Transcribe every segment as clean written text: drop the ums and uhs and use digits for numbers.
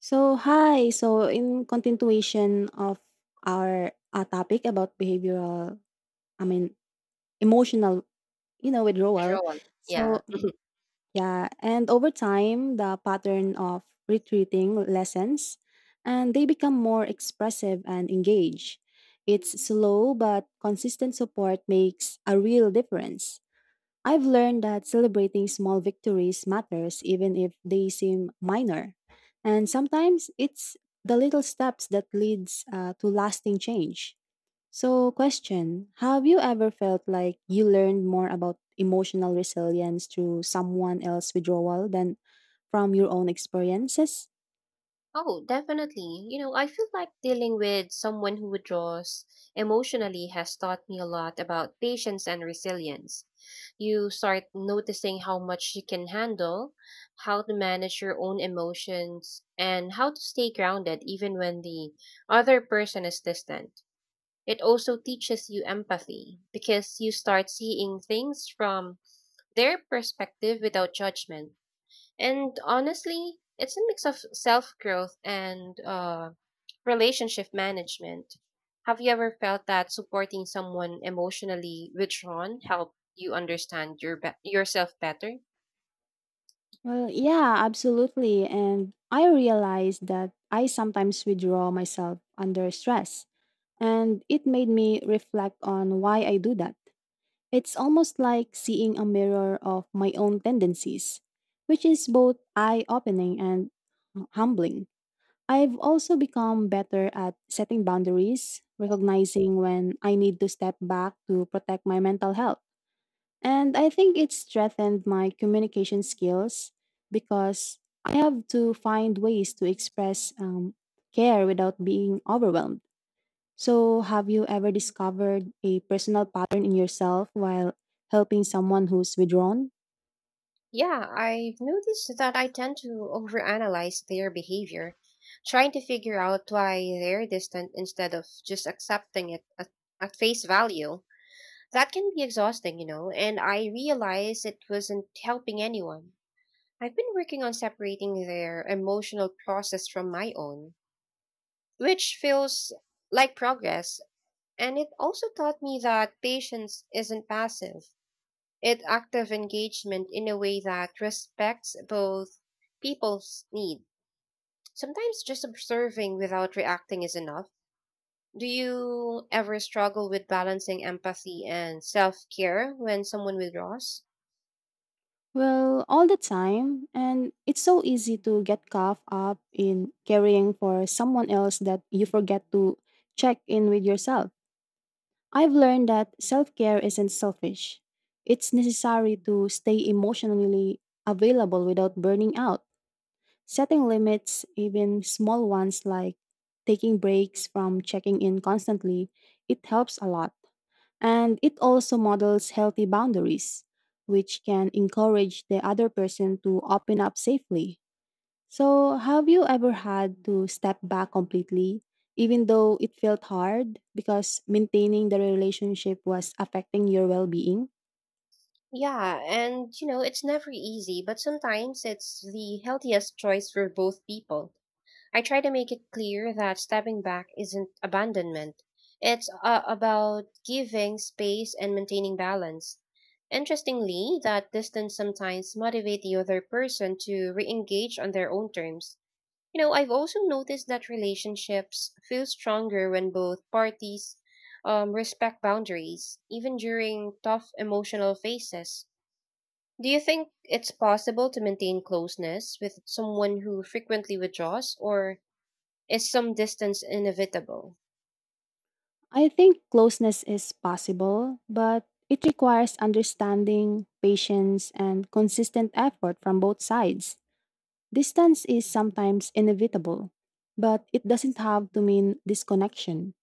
So, hi. So, in continuation of our topic about I mean, emotional, withdrawal. Withdrawal. Yeah. So, yeah. And over time, the pattern of retreating lessens and they become more expressive and engaged. It's slow but consistent support makes a real difference. I've learned that celebrating small victories matters even if they seem minor. And sometimes it's the little steps that leads to lasting change. So question, have you ever felt like you learned more about emotional resilience through someone else's withdrawal than from your own experiences? Oh, definitely. You know, I feel like dealing with someone who withdraws emotionally has taught me a lot about patience and resilience. You start noticing how much you can handle, how to manage your own emotions, and how to stay grounded even when the other person is distant. It also teaches you empathy because you start seeing things from their perspective without judgment. And honestly, it's a mix of self growth and relationship management. Have you ever felt that supporting someone emotionally withdrawn helped you understand your yourself better? Well, yeah, absolutely. And I realized that I sometimes withdraw myself under stress. And it made me reflect on why I do that. It's almost like seeing a mirror of my own tendencies, which is both eye opening and humbling. I've also become better at setting boundaries, recognizing when I need to step back to protect my mental health. And I think it's strengthened my communication skills because I have to find ways to express care without being overwhelmed. So, have you ever discovered a personal pattern in yourself while helping someone who's withdrawn? Yeah, I've noticed that I tend to overanalyze their behavior, trying to figure out why they're distant instead of just accepting it at face value. That can be exhausting, you know, and I realized it wasn't helping anyone. I've been working on separating their emotional process from my own, which feels like progress. And it also taught me that patience isn't passive, it's active engagement in a way that respects both people's need. Sometimes just observing without reacting is enough. Do you ever struggle with balancing empathy and self care when someone withdraws? Well, all the time, and it's so easy to get caught up in caring for someone else that you forget to check in with yourself. I've learned that self care isn't selfish, it's necessary to stay emotionally available without burning out. Setting limits, even small ones like taking breaks from checking in constantly, it helps a lot. And it also models healthy boundaries, which can encourage the other person to open up safely. So, have you ever had to step back completely, even though it felt hard because maintaining the relationship was affecting your well being? Yeah, and you know, it's never easy, but sometimes it's the healthiest choice for both people. I try to make it clear that stepping back isn't abandonment. It's about giving space and maintaining balance. Interestingly, that distance sometimes motivate the other person to re-engage on their own terms. You know, I've also noticed that relationships feel stronger when both parties respect boundaries, even during tough emotional phases. Do you think it's possible to maintain closeness with someone who frequently withdraws, or is some distance inevitable? I think closeness is possible, but it requires understanding, patience, and consistent effort from both sides. Distance is sometimes inevitable, but it doesn't have to mean disconnection.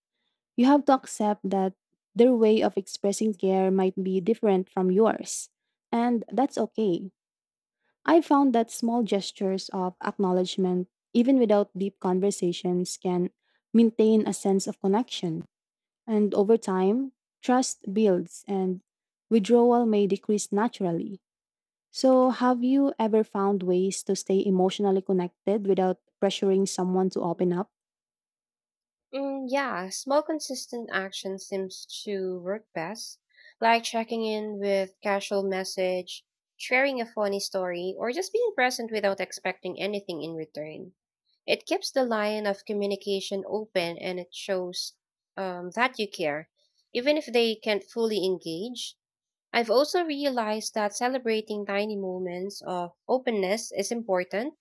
You have to accept that their way of expressing care might be different from yours, and that's okay. I found that small gestures of acknowledgement, even without deep conversations, can maintain a sense of connection. And over time, trust builds and withdrawal may decrease naturally. So, have you ever found ways to stay emotionally connected without pressuring someone to open up? Yeah, small consistent action seems to work best, like checking in with casual message, sharing a funny story, or just being present without expecting anything in return. It keeps the line of communication open and it shows that you care, even if they can't fully engage. I've also realized that celebrating tiny moments of openness is important.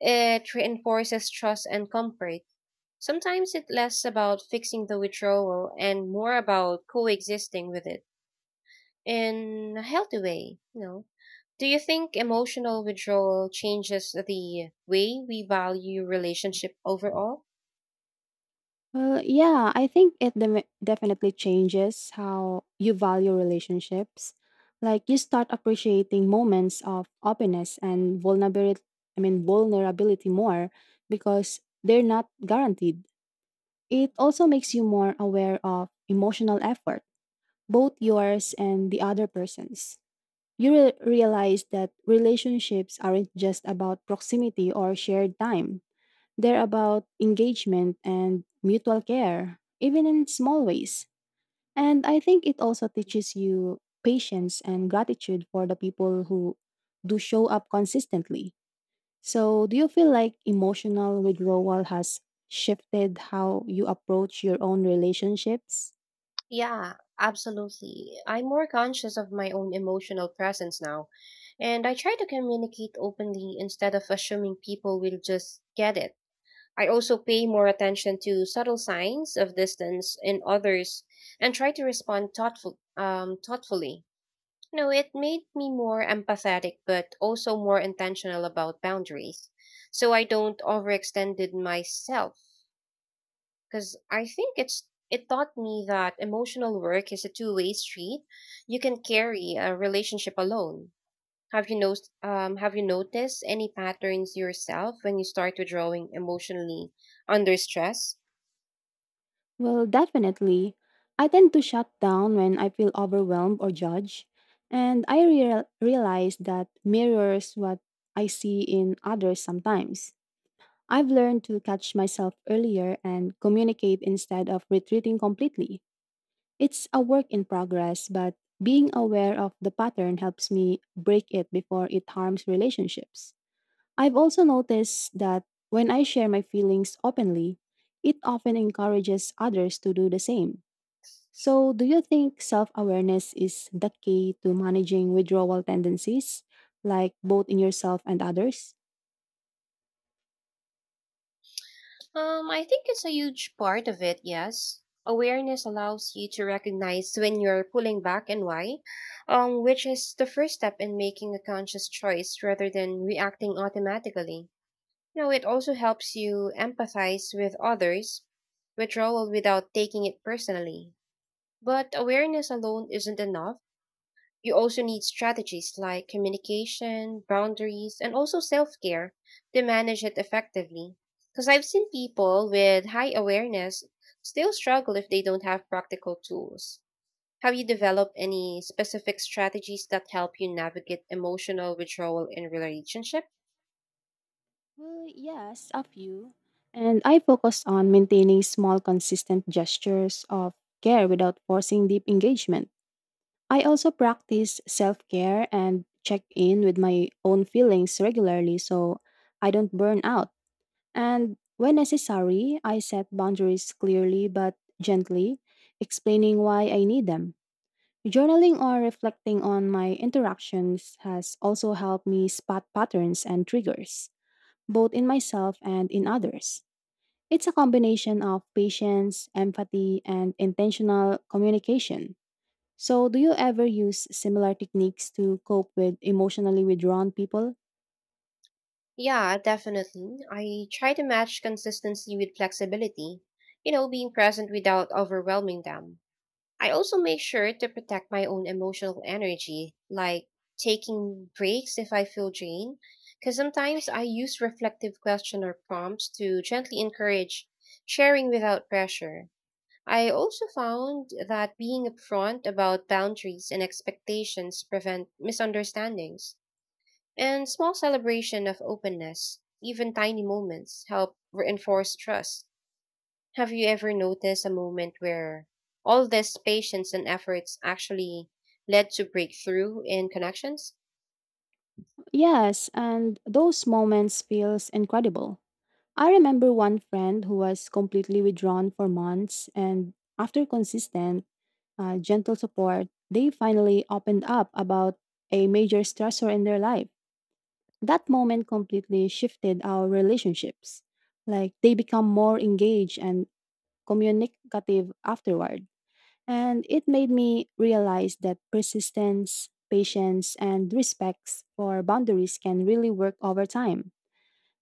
It reinforces trust and comfort. Sometimes it's less about fixing the withdrawal and more about coexisting with it in a healthy way. Do you think emotional withdrawal changes the way we value relationship overall? Well, yeah, I think it definitely changes how you value relationships. Like you start appreciating moments of openness and vulnerability, I mean vulnerability more because they're not guaranteed. It also makes you more aware of emotional effort both yours and the other person's. You realize that relationships aren't just about proximity or shared time, they're about engagement and mutual care, even in small ways. And I think it also teaches you patience and gratitude for the people who do show up consistently. So, do you feel like emotional withdrawal has shifted how you approach your own relationships? Yeah, absolutely. I'm more conscious of my own emotional presence now, and I try to communicate openly instead of assuming people will just get it. I also pay more attention to subtle signs of distance in others and try to respond thoughtfully. You know, it made me more empathetic, but also more intentional about boundaries. So I don't overextend myself because I think it taught me that emotional work is a two-way street. You can carry a relationship alone. Have you noticed? Have you noticed any patterns yourself when you start withdrawing emotionally under stress? Well, definitely. I tend to shut down when I feel overwhelmed or judged, and I realize that mirrors what I see in others sometimes. I've learned to catch myself earlier and communicate instead of retreating completely. It's a work in progress, but being aware of the pattern helps me break it before it harms relationships. I've also noticed that when I share my feelings openly, it often encourages others to do the same. So, do you think self awareness is the key to managing withdrawal tendencies, like both in yourself and others? I think it's a huge part of it. Yes, awareness allows you to recognize when you're pulling back and why, which is the first step in making a conscious choice rather than reacting automatically. No, it also helps you empathize with others, withdrawal without taking it personally. But awareness alone isn't enough. You also need strategies like communication, boundaries, and also self care to manage it effectively. Because I've seen people with high awareness still struggle if they don't have practical tools. Have you developed any specific strategies that help you navigate emotional withdrawal in relationships? Well, yes, a few. And I focus on maintaining small, consistent gestures of care without forcing deep engagement. I also practice self care and check in with my own feelings regularly so I don't burn out. And when necessary, I set boundaries clearly but gently, explaining why I need them. Journaling or reflecting on my interactions has also helped me spot patterns and triggers, both in myself and in others. It's a combination of patience, empathy, and intentional communication. So, do you ever use similar techniques to cope with emotionally withdrawn people? Yeah, definitely. I try to match consistency with flexibility, you know, being present without overwhelming them. I also make sure to protect my own emotional energy, like taking breaks if I feel drained, because sometimes I use reflective question or prompts to gently encourage sharing without pressure. I also found that being upfront about boundaries and expectations prevent misunderstandings. And small celebration of openness, even tiny moments, help reinforce trust. Have you ever noticed a moment where all this patience and efforts actually led to breakthrough in connections? Yes, and those moments feels incredible. I remember one friend who was completely withdrawn for months and after consistent gentle support, they finally opened up about a major stressor in their life. That moment completely shifted our relationships. Like they become more engaged and communicative afterward. And it made me realize that persistence, patience, and respects for boundaries can really work over time.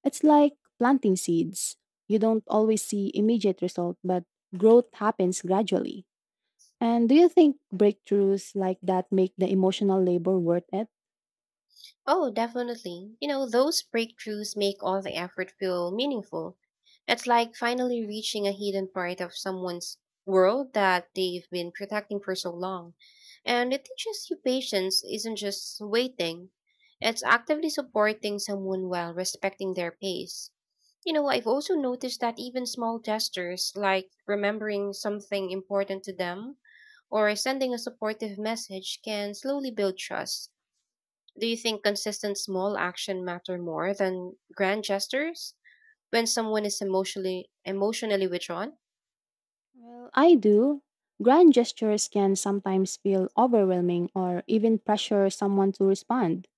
It's like planting seeds. You don't always see immediate result, but growth happens gradually. And do you think breakthroughs like that make the emotional labor worth it? Oh, definitely. You know, those breakthroughs make all the effort feel meaningful. It's like finally reaching a hidden part of someone's world that they've been protecting for so long. And it teaches you patience isn't just waiting, it's actively supporting someone while respecting their pace. You know, I've also noticed that even small gestures like remembering something important to them or sending a supportive message can slowly build trust. Do you think consistent small action matter more than grand gestures when someone is emotionally withdrawn? Well, I do. Grand gestures can sometimes feel overwhelming or even pressure someone to respond.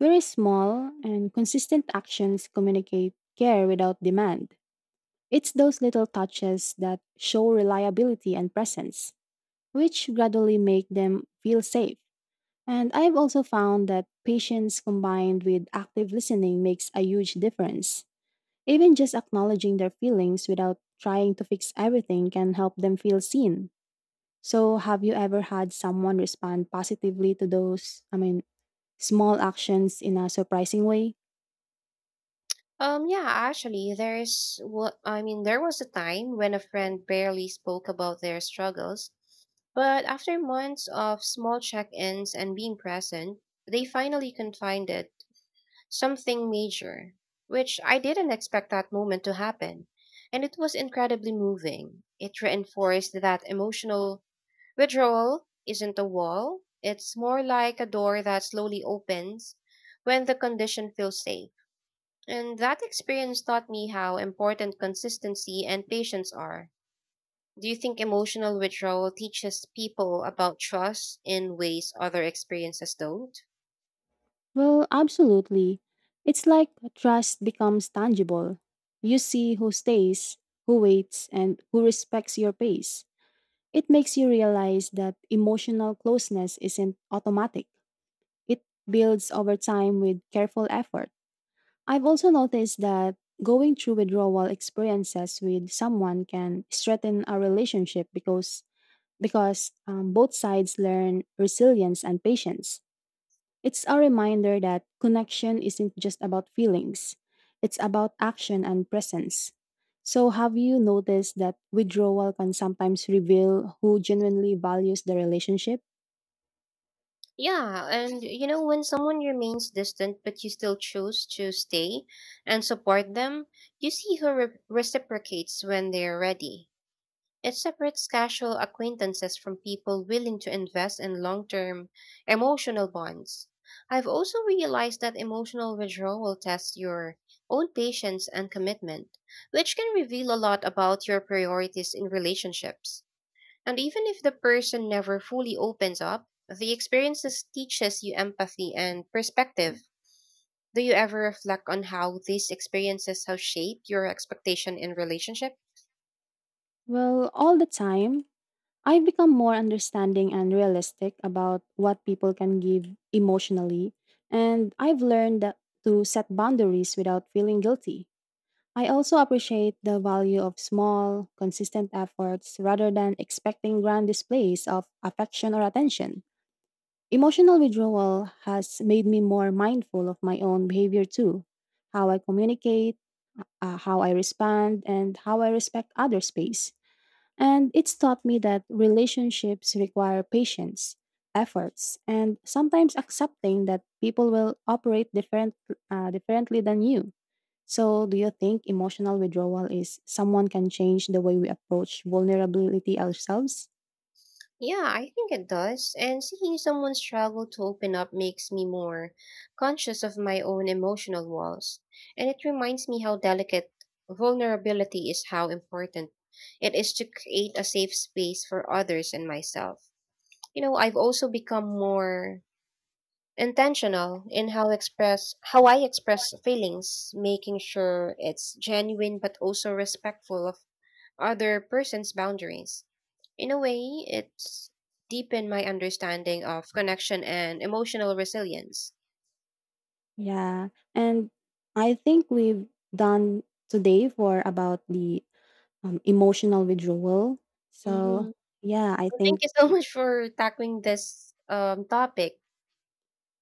Very small and consistent actions communicate care without demand. It's those little touches that show reliability and presence, which gradually make them feel safe. And I've also found that patience combined with active listening makes a huge difference. Even just acknowledging their feelings without trying to fix everything can help them feel seen. So, have you ever had someone respond positively to small actions in a surprising way? Yeah, actually there is what I mean there was a time when a friend barely spoke about their struggles, but after months of small check-ins and being present, they finally confided something major, which I didn't expect that moment to happen. And it was incredibly moving. It reinforced that emotional withdrawal isn't a wall, it's more like a door that slowly opens when the condition feels safe. And that experience taught me how important consistency and patience are. Do you think emotional withdrawal teaches people about trust in ways other experiences don't? Well, absolutely. It's like trust becomes tangible. You see who stays, who waits, and who respects your pace. It makes you realize that emotional closeness isn't automatic. It builds over time with careful effort. I've also noticed that going through withdrawal experiences with someone can strengthen our relationship because both sides learn resilience and patience. It's a reminder that connection isn't just about feelings; it's about action and presence. So, have you noticed that withdrawal can sometimes reveal who genuinely values the relationship? Yeah, and you know, when someone remains distant but you still choose to stay and support them, you see who reciprocates when they're ready. It separates casual acquaintances from people willing to invest in long term emotional bonds. I've also realized that emotional withdrawal tests your own patience and commitment, which can reveal a lot about your priorities in relationships. And even if the person never fully opens up, the experiences teaches you empathy and perspective. Do you ever reflect on how these experiences have shaped your expectation in relationship? Well, all the time, I've become more understanding and realistic about what people can give emotionally, and I've learned that to set boundaries without feeling guilty. I also appreciate the value of small, consistent efforts rather than expecting grand displays of affection or attention. Emotional withdrawal has made me more mindful of my own behavior too, how I communicate, how I respond, and how I respect other space. And it's taught me that relationships require patience, efforts, and sometimes accepting that people will operate differently than you. So, do you think emotional withdrawal is someone can change the way we approach vulnerability ourselves? Yeah, I think it does. And seeing someone struggle to open up makes me more conscious of my own emotional walls. And it reminds me how delicate vulnerability is, how important it is to create a safe space for others and myself. You know, I've also become more intentional in how I express feelings, making sure it's genuine but also respectful of other person's boundaries. In a way, it's deepened my understanding of connection and emotional resilience. Yeah. And I think we've done today for about the emotional withdrawal. Hmm. So, yeah, I Thank think, you so much for tackling this topic.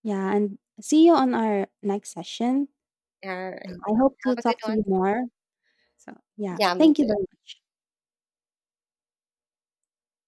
yeah. And see you on our next session. All Yeah, right. I hope to Have a good talk to one. you more. So, yeah, Yeah, me thank you too. very much.